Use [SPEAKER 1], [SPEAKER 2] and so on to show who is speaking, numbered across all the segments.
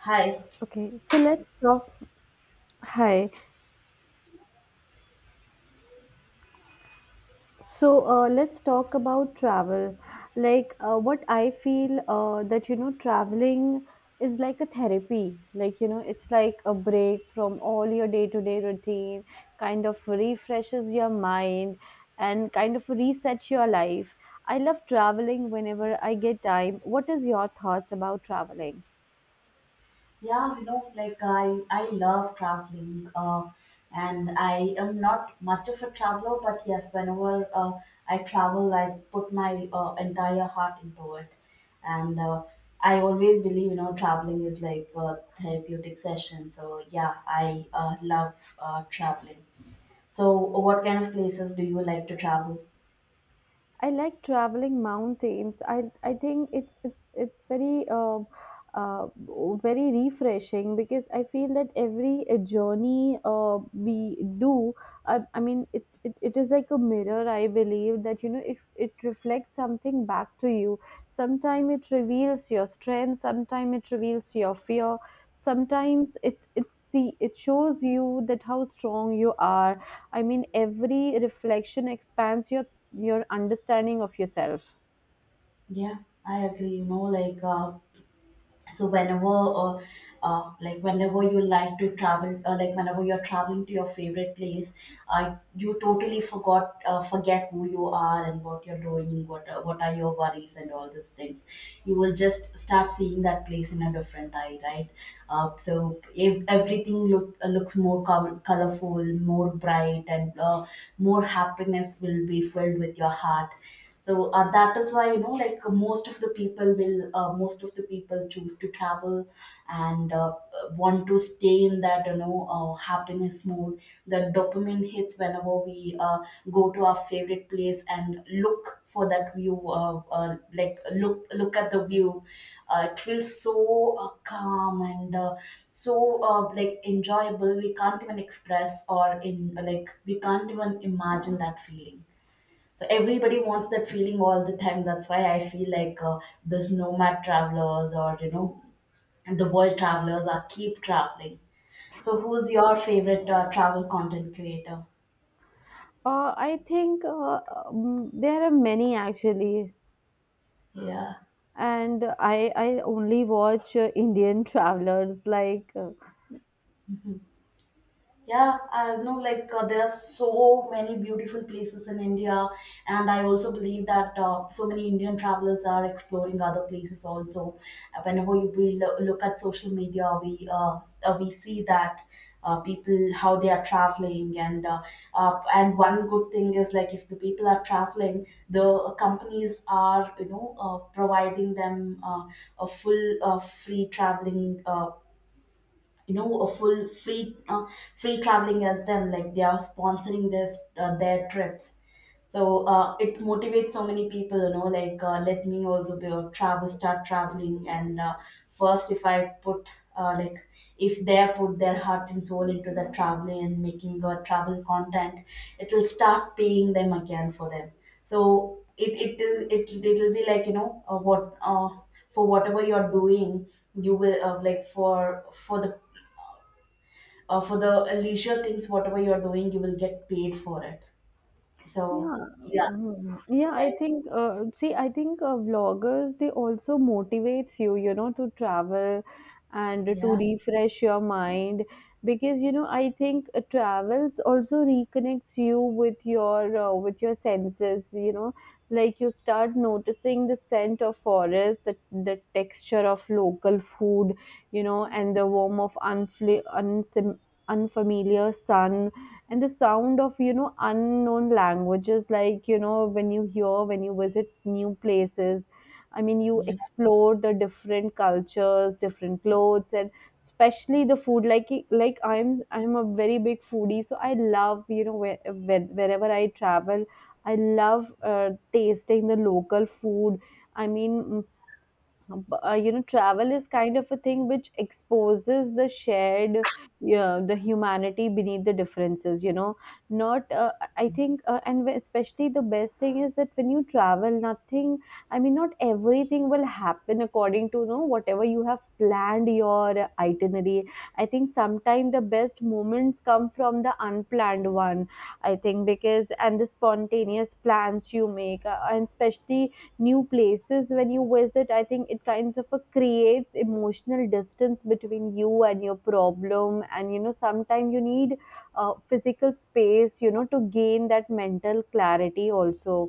[SPEAKER 1] Hi.
[SPEAKER 2] Okay, so let's talk. Hi. So let's talk about travel. What I feel that you know traveling is like a therapy. Like you know it's like a break from all your day-to-day routine, kind of refreshes your mind and kind of resets your life. I love traveling whenever I get time. What is your thoughts about traveling?
[SPEAKER 1] Yeah, you know, like I love traveling, and I am not much of a traveler, but yes, whenever I travel, I put my entire heart into it, and I always believe, you know, traveling is like a therapeutic session. So yeah, I love traveling. So, what kind of places do you like to travel?
[SPEAKER 2] I like traveling mountains. I think it's very uh, very refreshing because I feel that every journey we do, I mean, it is like a mirror. I believe that you know it reflects something back to you. Sometimes it reveals your strength. Sometimes it reveals your fear, sometimes it shows you that how strong you are. I mean every reflection expands your understanding of yourself.
[SPEAKER 1] Yeah, I agree. You know, so uh, whenever you like to travel like whenever you're traveling to your favorite place, you totally forgot forget who you are and what you're doing, what are your worries and all these things. You will just start seeing that place in a different eye, right? So if everything looks more colorful, more bright, and more happiness will be filled with your heart. So that is why, you know, most of the people choose to travel and want to stay in that, you know, happiness mode. The dopamine hits whenever we go to our favorite place and look for that view, look at the view. It feels so calm and so like enjoyable, we can't even express or in like we can't even imagine that feeling. So everybody wants that feeling all the time. That's why I feel like, this nomad travelers, or you know, the world travelers, are keep traveling. So who's your favorite travel content creator?
[SPEAKER 2] I think there are many actually,
[SPEAKER 1] Yeah.
[SPEAKER 2] and I only watch indian travelers
[SPEAKER 1] Yeah, I know, there are so many beautiful places in India, and I also believe that so many Indian travelers are exploring other places also. Whenever we look at social media, we we see that people how they are traveling, and one good thing is, like, if the people are traveling, the companies are, you know, providing them a full free traveling. You know, a full free traveling, as them, like they are sponsoring their trips. So it motivates so many people, you know, let me also be a travel, start traveling, and first if I put like if they put their heart and soul into the traveling and making a travel content, it will start paying them, again, for them. So it will be like, you know, what for whatever you're doing, you will for the, or for the leisure things, whatever you're doing, you will get paid for it. So
[SPEAKER 2] Yeah,
[SPEAKER 1] yeah,
[SPEAKER 2] yeah, I
[SPEAKER 1] right?
[SPEAKER 2] think vloggers, they also motivates you, you know, to travel and to
[SPEAKER 1] Yeah,
[SPEAKER 2] refresh your mind because, you know, I think travels also reconnects you with your senses, you know, like you start noticing the scent of forest, the texture of local food, you know, and the warmth of unfl- unsam unfamiliar sun and the sound of you know unknown languages, like you know when you hear when you visit new places. I mean you
[SPEAKER 1] yeah,
[SPEAKER 2] explore the different cultures, different clothes, and especially the food, like I'm a very big foodie, so I love you know wherever I travel I love tasting the local food. I mean, you know travel is kind of a thing which exposes the shared, yeah, the humanity beneath the differences you know. Not I think and Especially the best thing is that when you travel nothing, I mean not everything will happen according to you know whatever you have planned your itinerary. I think sometimes the best moments come from the unplanned one. I think because and the spontaneous plans you make and especially new places when you visit, I think it kinds of a creates emotional distance between you and your problem, and you know sometimes you need physical space you know to gain that mental clarity also.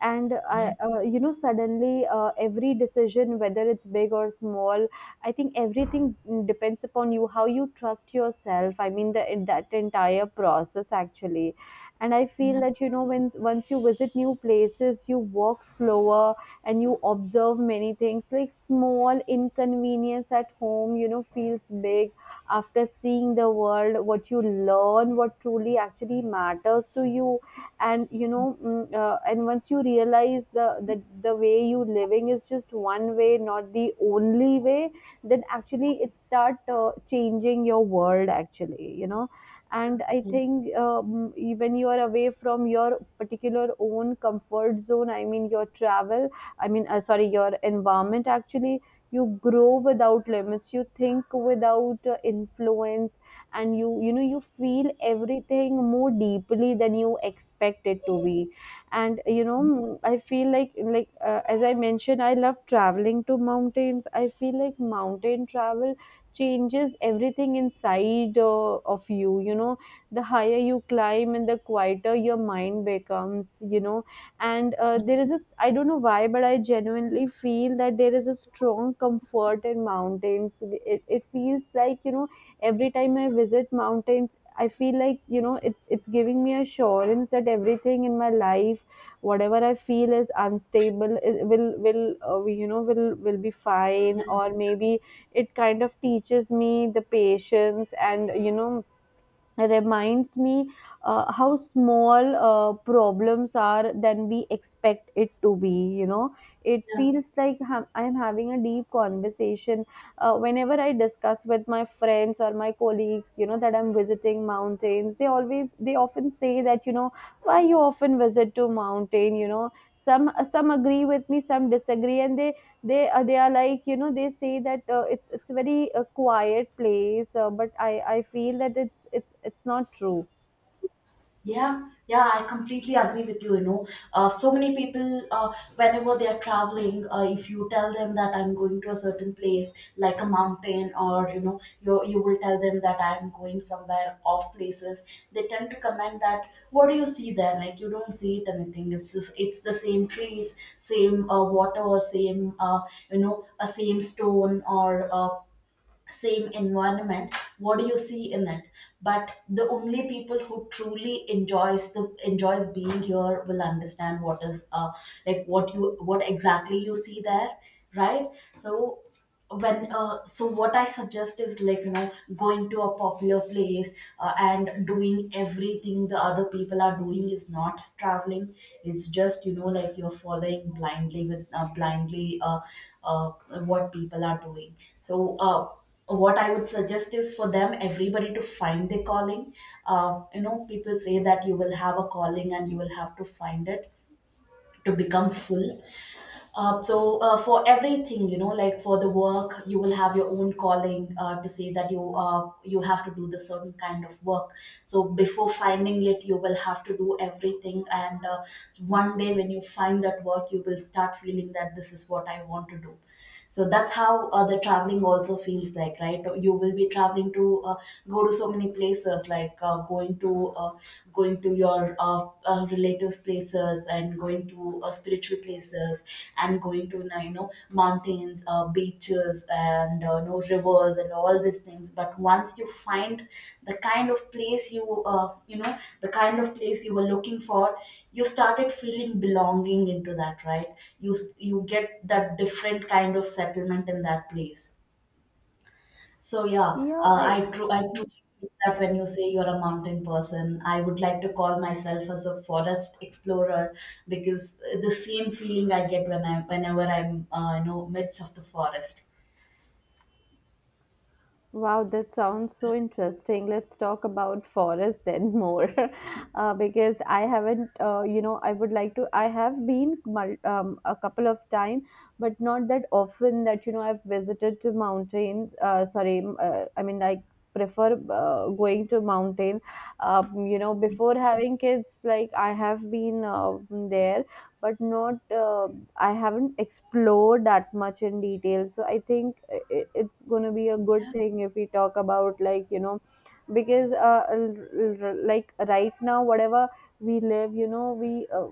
[SPEAKER 2] And
[SPEAKER 1] yeah,
[SPEAKER 2] you know, suddenly every decision, whether it's big or small, I think everything depends upon you how you trust yourself. I mean, that entire process actually, and I feel
[SPEAKER 1] yeah,
[SPEAKER 2] that you know, when once you visit new places, you walk slower and you observe many things. Like small inconvenience at home, you know, feels big after seeing the world. What you learn, what truly actually matters to you. And you know and once you realize the that the way you living is just one way not the only way, then actually it start changing your world actually you know. And I
[SPEAKER 1] yeah,
[SPEAKER 2] think when you are away from your particular own comfort zone, I mean your travel, I mean sorry, your environment actually, you grow without limits, you think without influence, and you know you feel everything more deeply than you expect it to be. And you know I feel like as I mentioned, I love traveling to mountains. I feel like mountain travel changes everything inside of you, you know. The higher you climb and the quieter your mind becomes, you know. And there is a, I don't know why, but I genuinely feel that there is a strong comfort in mountains. It feels like you know every time I visit mountains, I feel like, you know, it's giving me assurance that everything in my life, whatever I feel is unstable, it you know, will be fine.
[SPEAKER 1] yeah,
[SPEAKER 2] Or maybe it kind of teaches me the patience and, you know, reminds me how small problems are than we expect it to be, you know. It
[SPEAKER 1] yeah.
[SPEAKER 2] feels like I'm having a deep conversation. Whenever I discuss with my friends or my colleagues you know that I'm visiting mountains, they always, they often say that you know why you often visit to mountain you know. Some agree with me, some disagree, and they, they are like you know they say that it's a very quiet place, but I feel that it's not true.
[SPEAKER 1] Yeah, yeah, I completely agree with you. You know, so many people, whenever they are traveling, if you tell them that I'm going to a certain place, like a mountain, or you know, you will tell them that I'm going somewhere off places, they tend to comment that, "What do you see there? Like you don't see it anything. It's just, it's the same trees, same water, same, you know, a same stone, or same environment, what do you see in it?" But the only people who truly enjoys being here will understand what is like what you, what exactly you see there, right? So when uh, so what I suggest is, like, you know, going to a popular place and doing everything the other people are doing is not traveling. It's just, you know, like you're following blindly, with blindly uh, what people are doing. So what I would suggest is for them, everybody, to find their calling. You know, people say that you will have a calling and you will have to find it to become full. So, for everything, you know, like for the work, you will have your own calling to say that you have to do the certain kind of work. So, before finding it, you will have to do everything. And one day, when you find that work, you will start feeling that this is what I want to do. So that's how, the traveling also feels like, right? You will be traveling to, go to so many places, like going to your relatives places, and going to spiritual places, and going to, you know, mountains, beaches, and no rivers, and all these things. But once you find the kind of place you know, the kind of place you were looking for, you started feeling belonging into that, right? You get that different kind of settlement in that place. So yeah,
[SPEAKER 2] Yeah, I.
[SPEAKER 1] I truly think that when you say you're a mountain person, I would like to call myself as a forest explorer, because the same feeling I get when I whenever I'm, you know, midst of the forest.
[SPEAKER 2] Wow, that sounds so interesting. Let's talk about forest then more, because I haven't, you know, I would like to. I have been a couple of time, but not that often. That you know, I've visited to mountains. I mean, I prefer going to mountain. You know, before having kids, like I have been there, but not I haven't explored that much in detail. So I think it's going to be a good thing if we talk about, like you know, because like right now whatever we live you know we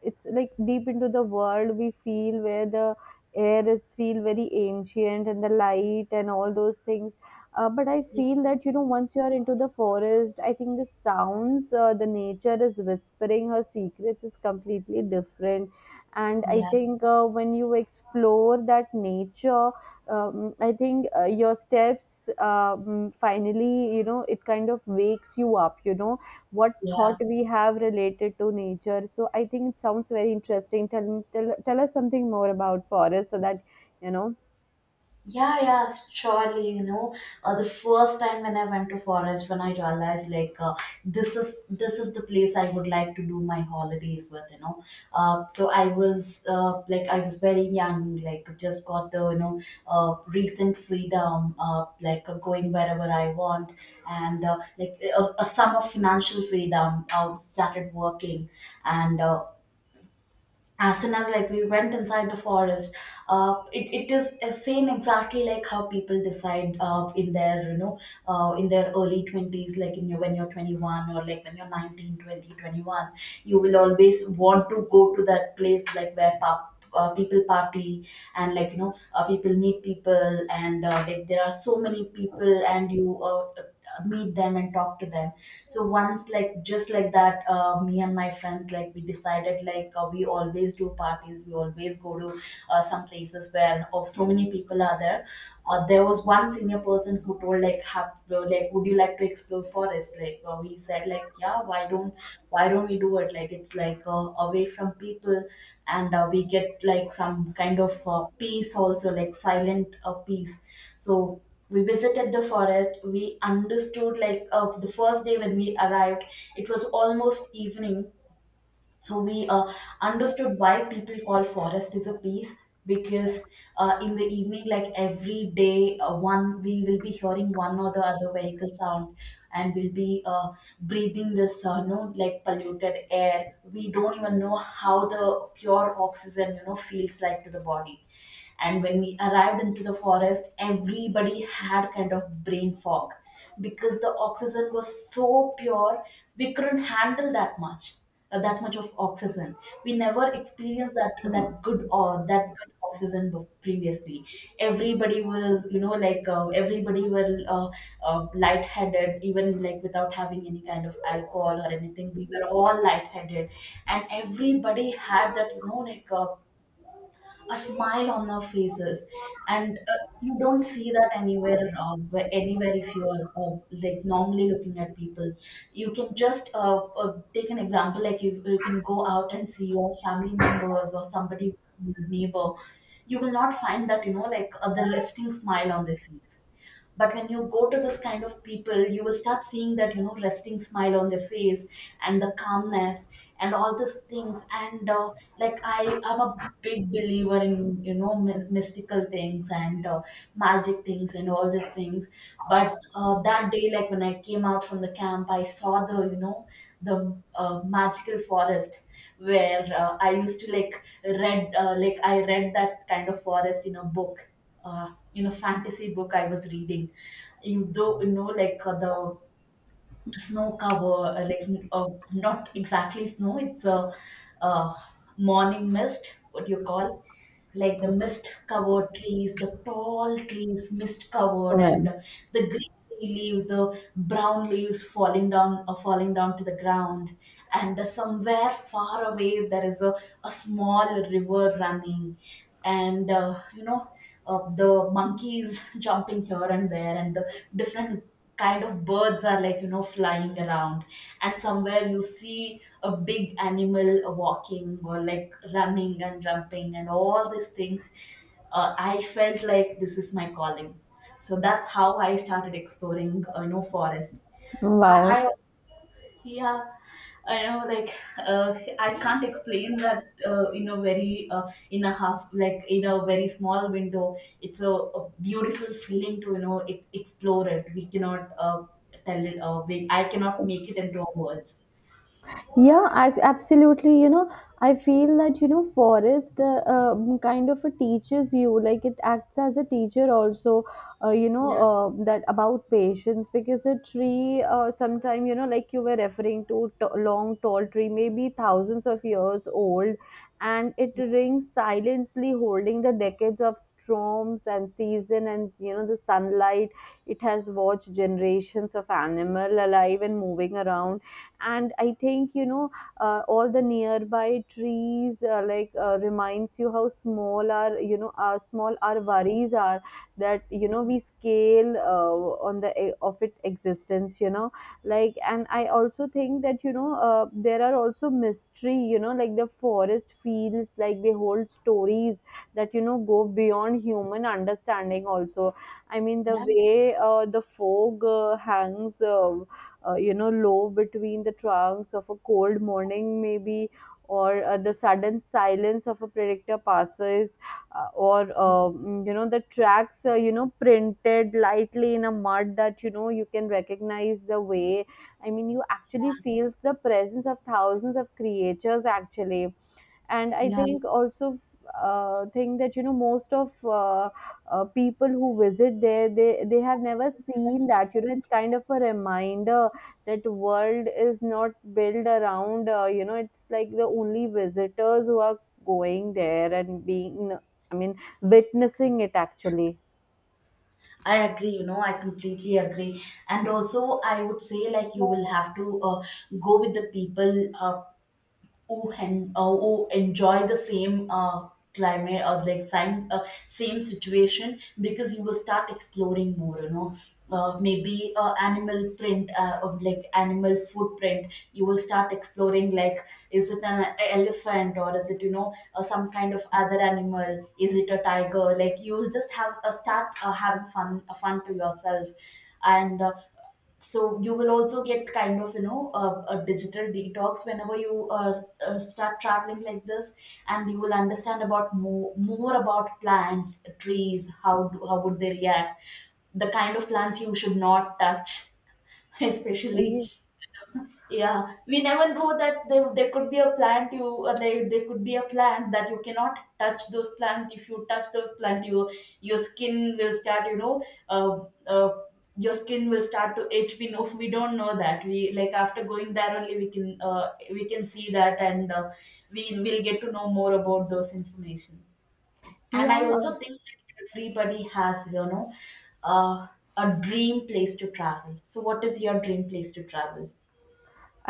[SPEAKER 2] it's like deep into the world we feel where the air is feel very ancient and the light and all those things. But I feel that, you know, once you are into the forest, I think the sounds, the nature is whispering her secrets is completely different. And I
[SPEAKER 1] Yeah.
[SPEAKER 2] think when you explore that nature, I think your steps, finally, you know, it kind of wakes you up, you know, what thought
[SPEAKER 1] Yeah,
[SPEAKER 2] we have related to nature. So I think it sounds very interesting. Tell us something more about forest so that, you know,
[SPEAKER 1] yeah. Surely, you know, the first time when I went to forest, when I realized, like, this is the place I would like to do my holidays with, you know. I was very young, like just got the, you know, recent freedom, going wherever I want, and like a sum of financial freedom. Started working, and as soon as, like, we went inside the forest, it is a same exactly like how people decide, in their, you know, in their early 20s, like in your, when you're 21, or like when you're 19, 21, you will always want to go to that place like where pop people party, and like, you know, people meet people, and like there are so many people, and you, meet them and talk to them. So once, like, just like that, me and my friends, like, we decided, like, we always do parties, we always go to some places where, oh, so many people are there. There was one senior person who told, like, have like would you like to explore forest? Like, we said, like, yeah, why don't we do it? Like, it's like away from people, and we get like some kind of peace also, like silent peace. So we visited the forest, we understood, like, the first day when we arrived, it was almost evening. So we understood why people call forest is a peace, because in the evening, like every day, one we will be hearing one or the other vehicle sound, and we'll be breathing this, no like polluted air. We don't even know how the pure oxygen, you know, feels like to the body. And when we arrived into the forest, everybody had kind of brain fog, because the oxygen was so pure, we couldn't handle that much of oxygen. We never experienced that good, or that good oxygen, previously. Everybody was, you know, like, everybody were lightheaded, even like without having any kind of alcohol or anything. We were all lightheaded, and everybody had that, you know, like, a smile on our faces, and you don't see that anywhere, anywhere, if you are like normally looking at people. You can just, take an example, like you can go out and see your family members or somebody, your neighbor. You will not find that, you know, the resting smile on their face. But when you go to this kind of people, you will start seeing that, you know, resting smile on their face, and the calmness, and all these things. And like, I am a big believer in, you know, mystical things, and magic things, and all these things. But that day, like when I came out from the camp, I saw the, you know, the magical forest, where, I used to like read like I read that kind of forest in a book, you know, fantasy book I was reading. You though, you know, like, the snow cover, like uh, not exactly snow. It's a, uh, morning mist. What you call? Like the mist covered trees, the tall trees, mist covered,
[SPEAKER 2] yeah.
[SPEAKER 1] and the green leaves, the brown leaves falling down to the ground, and somewhere far away there is a small river running, and the monkeys jumping here and there and the different kind of birds are like you know flying around, and somewhere you see a big animal walking or like running and jumping and all these things. I felt like this is my calling, so that's how I started exploring forest.
[SPEAKER 2] Wow.
[SPEAKER 1] I, yeah, I know. Like, I can't explain that in a half, like in a very small window. It's a beautiful feeling to you know explore it. We cannot tell it. I cannot make it into words.
[SPEAKER 2] Yeah, I absolutely. You know, I feel that you know, forest kind of a teaches you, like it acts as a teacher also. You know,
[SPEAKER 1] Yeah,
[SPEAKER 2] that about patience because a tree, sometime you know, like you were referring to, long tall tree, maybe thousands of years old, and it rings silently, holding the decades of storms and season, and you know, the sunlight. It has watched generations of animal alive and moving around. And I think you know all the nearby trees reminds you how small our, you know, our small our worries are, that you know we scale on the e, of its existence, you know. Like, and I also think that you know there are also mystery, you know, like the forest feels like they hold stories that you know go beyond human understanding also. I mean the
[SPEAKER 1] yeah,
[SPEAKER 2] way the fog hangs you know low between the trunks of a cold morning maybe, or the sudden silence of a predictor passes, or you know the tracks you know printed lightly in a mud that you know you can recognize the way. I mean you actually feel the presence of thousands of creatures actually. And I
[SPEAKER 1] yeah,
[SPEAKER 2] think also, think that you know most of people who visit there, they have never seen that, you know, it's kind of a reminder that world is not built around, you know, it's like the only visitors who are going there and being, I mean witnessing it actually.
[SPEAKER 1] I agree. You know, I completely agree. And also, I would say like you will have to go with the people. Uh, who enjoy the same climate, or like same same situation, because you will start exploring more, you know, maybe animal print, of like animal footprint, you will start exploring like is it an elephant or is it you know some kind of other animal, is it a tiger? Like you will just have a start having fun to yourself. And so you will also get kind of, you know, a digital detox whenever you start traveling like this. And you will understand about more about plants, trees, how would they react, the kind of plants you should not touch, especially.
[SPEAKER 2] Ye-
[SPEAKER 1] Yeah, we never know that there could be a plant you uh, there could be a plant that you cannot touch those plants. If you touch those plant, you your skin will start, you know, uh, uh, your skin will start to itch. We know, we don't know that, we like after going there only we can see that, and we will get to know more about those information. And
[SPEAKER 2] yeah,
[SPEAKER 1] I also think like everybody has, you know, uh, a dream place to travel. So what is your dream place to travel?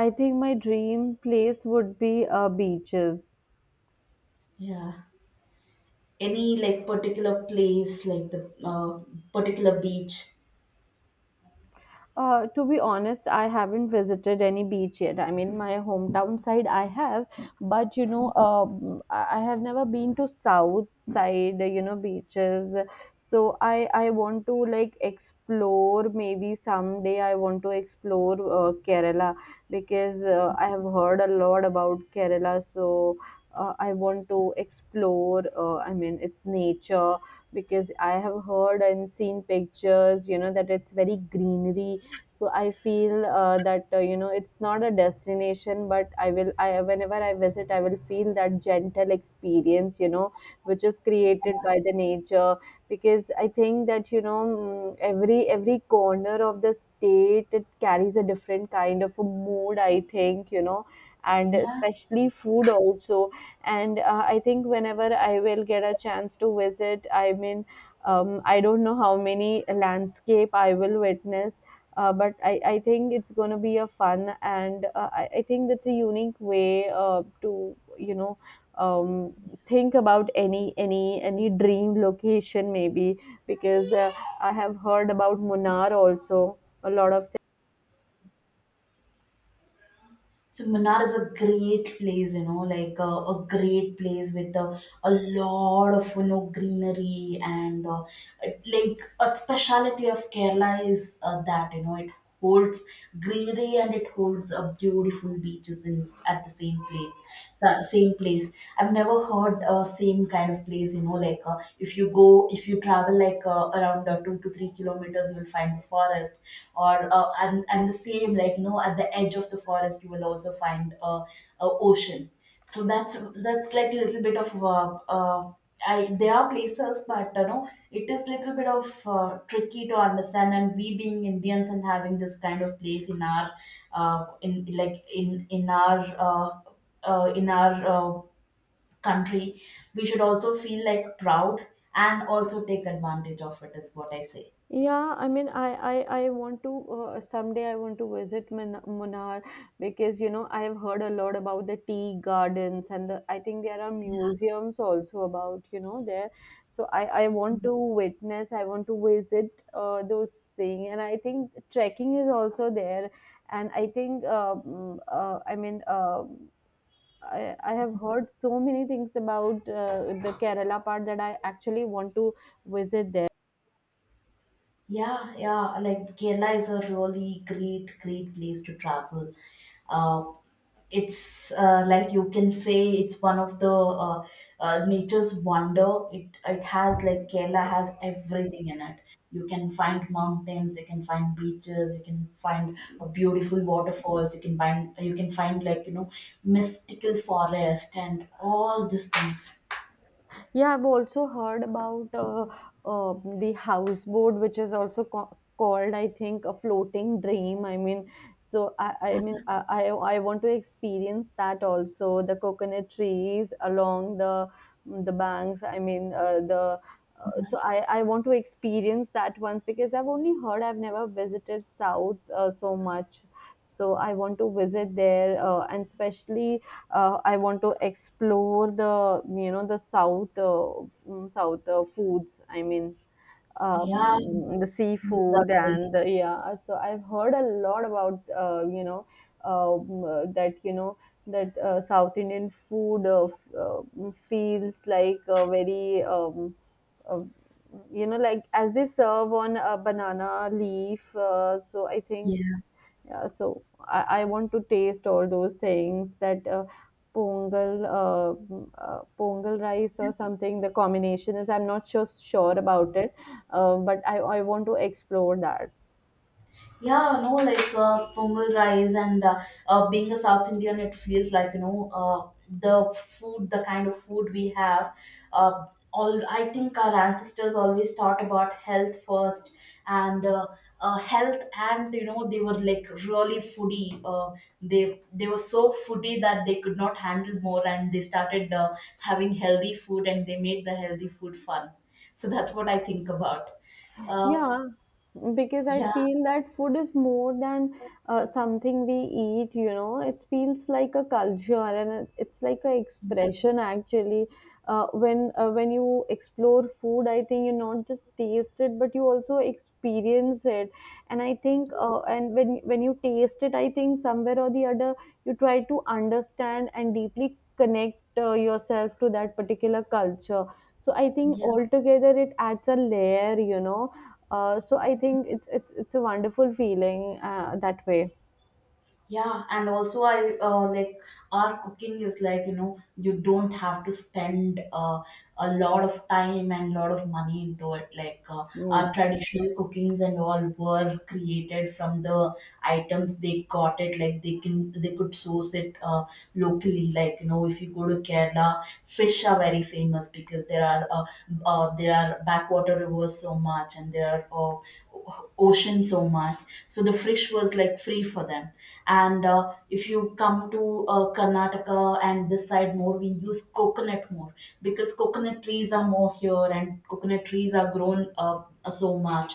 [SPEAKER 2] I think my dream place would be beaches.
[SPEAKER 1] Yeah. Any like particular place, like the particular beach?
[SPEAKER 2] To be honest, I haven't visited any beach yet. I mean, my hometown side I have, but you know, I have never been to south side, you know, beaches. So I want to like explore. Maybe someday I want to explore Kerala because I have heard a lot about Kerala. So I want to explore. I mean, its nature because I have heard and seen pictures. You know that it's very greenery, so I feel that it's not a destination, but I will I whenever I visit I will feel that gentle experience which is created by the nature. Because I think that every corner of the state, it carries a different kind of a mood, I think. And
[SPEAKER 1] Yeah.
[SPEAKER 2] especially food also. And I think whenever I will get a chance to visit, I mean, I don't know how many landscape I will witness, but I think it's going to be a fun. And I think that's a unique way to um, think about any dream location maybe. Because I have heard about Munnar also, a lot of.
[SPEAKER 1] So Manar is a great place, you know, like a great place with a lot of you know greenery, and like a speciality of Kerala is that you know it holds greenery, and it holds a beautiful beaches in at the same place, same place. I've never heard same kind of place, you know, like if you travel like around to 3 kilometers, you'll find forest, or and the same like you know at the edge of the forest you will also find a, ocean. So that's like a little bit of there are places, but you know it is little bit of tricky to understand. And we being indians and having this kind of place in our in our in our country, we should also feel like proud, and also take advantage of it, is what I say.
[SPEAKER 2] Yeah, I mean, I want to, someday I want to visit Munnar, because you know I have heard a lot about the tea gardens and the, I think there are museums also about you know there. So I want to witness, I want to visit those things. And I think trekking is also there. And I think I mean. I have heard so many things about the Kerala part that I actually want to visit there.
[SPEAKER 1] Yeah, yeah. Like Kerala is a really great, great place to travel. Uh, it's like you can say it's one of the nature's wonder. It has like Kerala has everything in it. You can find mountains, you can find beaches, you can find beautiful waterfalls, you can find like you know mystical forest and all these things.
[SPEAKER 2] Yeah, I've also heard about uh, the houseboat, which is also called, I think, a floating dream. I mean, so I I want to experience that also. The coconut trees along the the banks. I mean, the so I want to experience that once, because I've only heard. I've never visited South so much. So I want to visit there. Uh, and especially I want to explore the you know the south south foods. I mean,
[SPEAKER 1] Yeah,
[SPEAKER 2] the
[SPEAKER 1] it's
[SPEAKER 2] seafood
[SPEAKER 1] a-
[SPEAKER 2] and the, yeah. So I've heard a lot about that that South Indian food feels like a very uh, you know, like as they serve on a banana leaf. So I think,
[SPEAKER 1] yeah.
[SPEAKER 2] yeah, so I want to taste all those things, that pongal, pongal rice or something. The combination is, I'm not sure about it, but I want to explore that.
[SPEAKER 1] Yeah, no, like pongal rice, and being a South Indian, it feels like you know the food, the kind of food we have. Uh, all I think our ancestors always thought about health first, and health, and you know they were like really foodie. They were so foodie that they could not handle more, and they started having healthy food, and they made the healthy food fun. So that's what I think about. Uh,
[SPEAKER 2] Yeah, because I
[SPEAKER 1] yeah,
[SPEAKER 2] feel that food is more than something we eat, you know. It feels like a culture, and it's like an expression actually. When when you explore food, I think you not just taste it, but you also experience it. And I think, and when you taste it, I think somewhere or the other, you try to understand and deeply connect yourself to that particular culture. So I think
[SPEAKER 1] yeah.
[SPEAKER 2] altogether it adds a layer, so I think it's it's a wonderful feeling that way.
[SPEAKER 1] Yeah, and also I like our cooking is like you know you don't have to spend a lot of time and lot of money into it. Like our
[SPEAKER 2] Mm.
[SPEAKER 1] traditional cookings and all were created from the items they got it. Like they could source it locally. Like you know if you go to Kerala, fish are very famous because there are backwater rivers so much, and there are oceans so much. So the fish was like free for them. And if you come to karnataka and this side more, we use coconut more, because coconut trees are more here, and coconut trees are grown so much,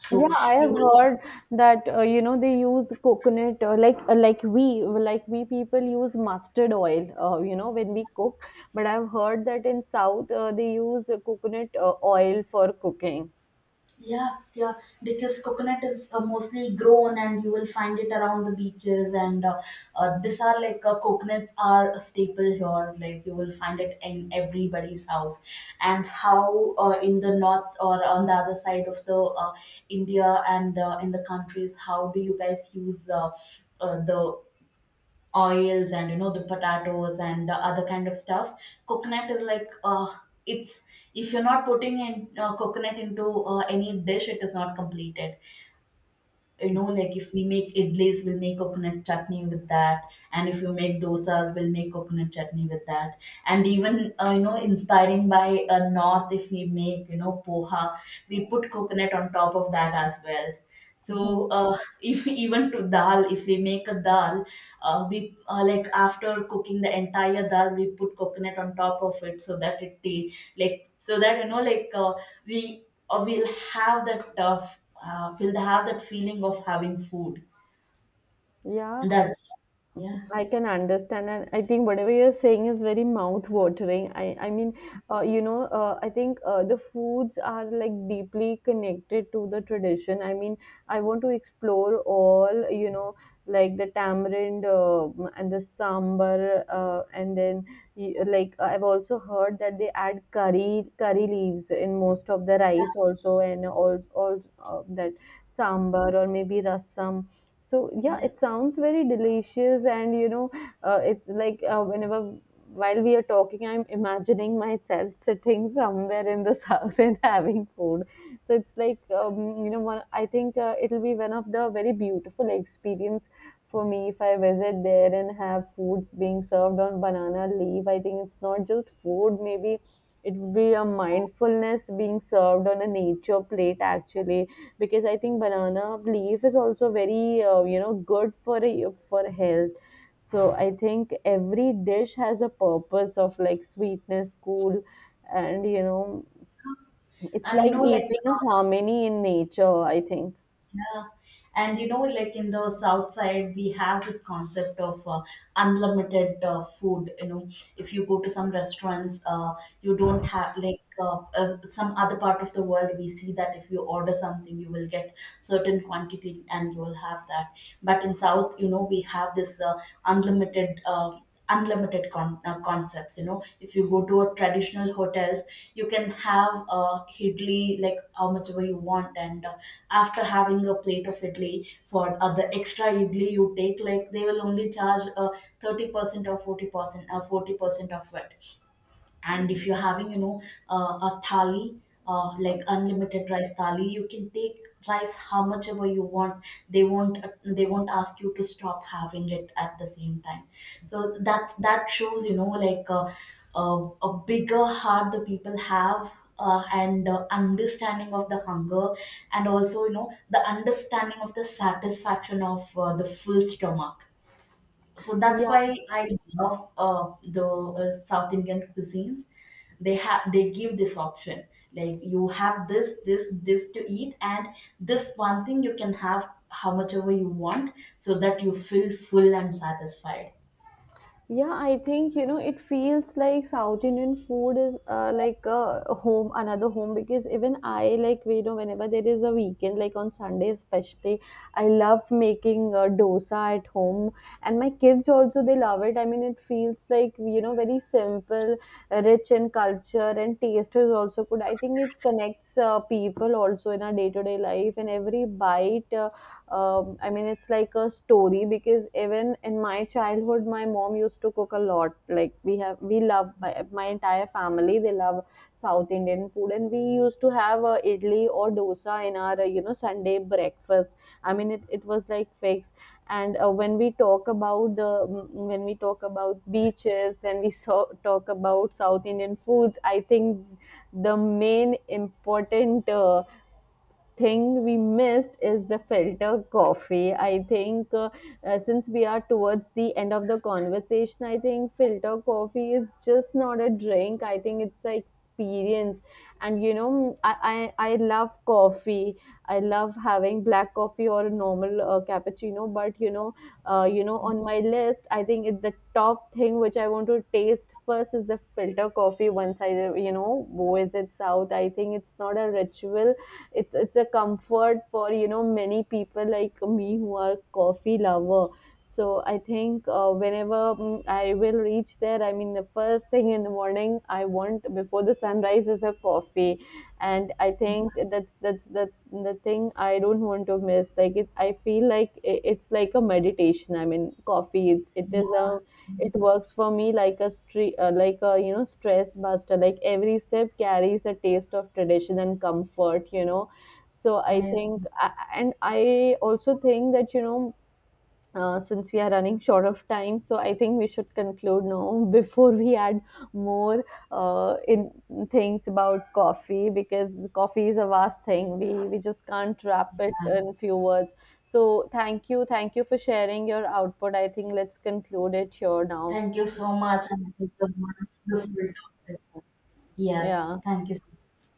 [SPEAKER 1] so
[SPEAKER 2] Yeah, I
[SPEAKER 1] you
[SPEAKER 2] have
[SPEAKER 1] will.
[SPEAKER 2] heard that you know they use coconut, like we people use mustard oil, you know, when we cook. But I've heard that in South they use coconut oil for cooking.
[SPEAKER 1] Yeah, yeah, because coconut is mostly grown and you will find it around the beaches. And these are like coconuts are a staple here, like you will find it in everybody's house. And how in the north, or on the other side of the India, and in the countries, how do you guys use the oils, and you know the potatoes and the other kind of stuffs. Coconut is like uh, it's, if you're not putting in coconut into any dish, it is not completed. You know like if we make idlis, we'll make coconut chutney with that. And if you make dosas, we'll make coconut chutney with that. And even you know inspiring by north, if we make you know poha, we put coconut on top of that as well.
[SPEAKER 2] Mhm.
[SPEAKER 1] So if even to dal, if we make a dal, we like after cooking the entire dal, we put coconut on top of it, so that like so that you know like we will have that will have that feeling of having food.
[SPEAKER 2] Yeah,
[SPEAKER 1] That's yeah,
[SPEAKER 2] I can understand, and I think whatever you're saying is very mouth-watering. I mean, I think the foods are like deeply connected to the tradition. I mean, I want to explore all, you know, like the tamarind and the sambar, and then like I've also heard that they add curry leaves in most of the rice
[SPEAKER 1] yeah
[SPEAKER 2] also, and also that sambar or maybe rasam. So yeah,
[SPEAKER 1] yeah.
[SPEAKER 2] it sounds very delicious, and it's like, whenever while we are talking, I'm imagining myself sitting somewhere in the South and having food. So it's like, you know, one, I think it'll be one of the very beautiful experience for me if I visit there and have foods being served on banana leaf. I think it's not just food, maybe it would be a mindfulness being served on a nature plate actually, because I think banana leaf is also very good for a, for health. So I think every dish has a purpose of like sweetness, cool, and you know, it's
[SPEAKER 1] And you
[SPEAKER 2] like
[SPEAKER 1] know like.
[SPEAKER 2] eating a
[SPEAKER 1] uh,
[SPEAKER 2] harmony in nature, I think.
[SPEAKER 1] Yeah. And you know, like in the south side, we have this concept of unlimited food. You know, if you go to some restaurants, you don't have like some other part of the world, we see that if you order something, you will get certain quantity and you will have that. But in south, you know, we have this unlimited. Unlimited concepts, you know, if you go to a traditional hotels, you can have idli like how much ever you want. And after having a plate of idli, for the extra idli you take, like they will only charge 30% or 40% of it. And if you're having you know a thali, like unlimited rice thali, you can take rice how much ever you want. They won't they won't ask you to stop having it at the same time. So that that shows you know like a bigger heart the people have, and understanding of the hunger, and also you know the understanding of the satisfaction of the full stomach. So that's
[SPEAKER 2] Yeah,
[SPEAKER 1] why I love the South Indian cuisines. They have they give this option, like you have this this this to eat, and this one thing you can have how much ever you want, so that you feel full and satisfied.
[SPEAKER 2] yeah, I think you know it feels like South Indian food is like a home, another home, because even I, like you know, whenever there is a weekend, like on Sunday especially, I love making dosa at home, and my kids also, they love it. I mean, it feels like you know very simple, rich in culture, and taste is also good. I think it connects people also in our day to day life, and every bite. I mean, it's like a story, because even in my childhood, my mom used to cook a lot. Like we have, we love my, entire family, they love South Indian food, and we used to have idli or dosa in our Sunday breakfast. I mean, it was like fixed. And when we talk about the when we talk about beaches, when we so, talk about South Indian foods, I think the main important thing we missed is the filter coffee. I think since we are towards the end of the conversation, I think filter coffee is just not a drink, I think it's an experience. And you know, I love coffee. I love having black coffee or a normal cappuccino. But you know, on my list, I think it's the top thing which I want to taste first is the filter coffee. Once I, you know, visit South, I think it's not a ritual, it's a comfort for you know many people like me who are coffee lover. So I think whenever I will reach there, I mean the first thing in the morning I want before the sunrise is a coffee. And I think that's the thing I don't want to miss. Like it I feel like, it's like a meditation, I mean, coffee, it is a, it works for me like a like a you know stress buster. Like every sip carries a taste of tradition and comfort. You know, so I
[SPEAKER 1] I
[SPEAKER 2] think, and I also think that you know, since we are running short of time, so I think we should conclude now before we add more in things about coffee, because coffee is a vast thing. We just can't wrap it in few words. So thank you for sharing your output. I think let's conclude it here now.
[SPEAKER 1] Thank you so much, and thank you so much. Beautiful topic. Yes,
[SPEAKER 2] Yeah.
[SPEAKER 1] thank you so much.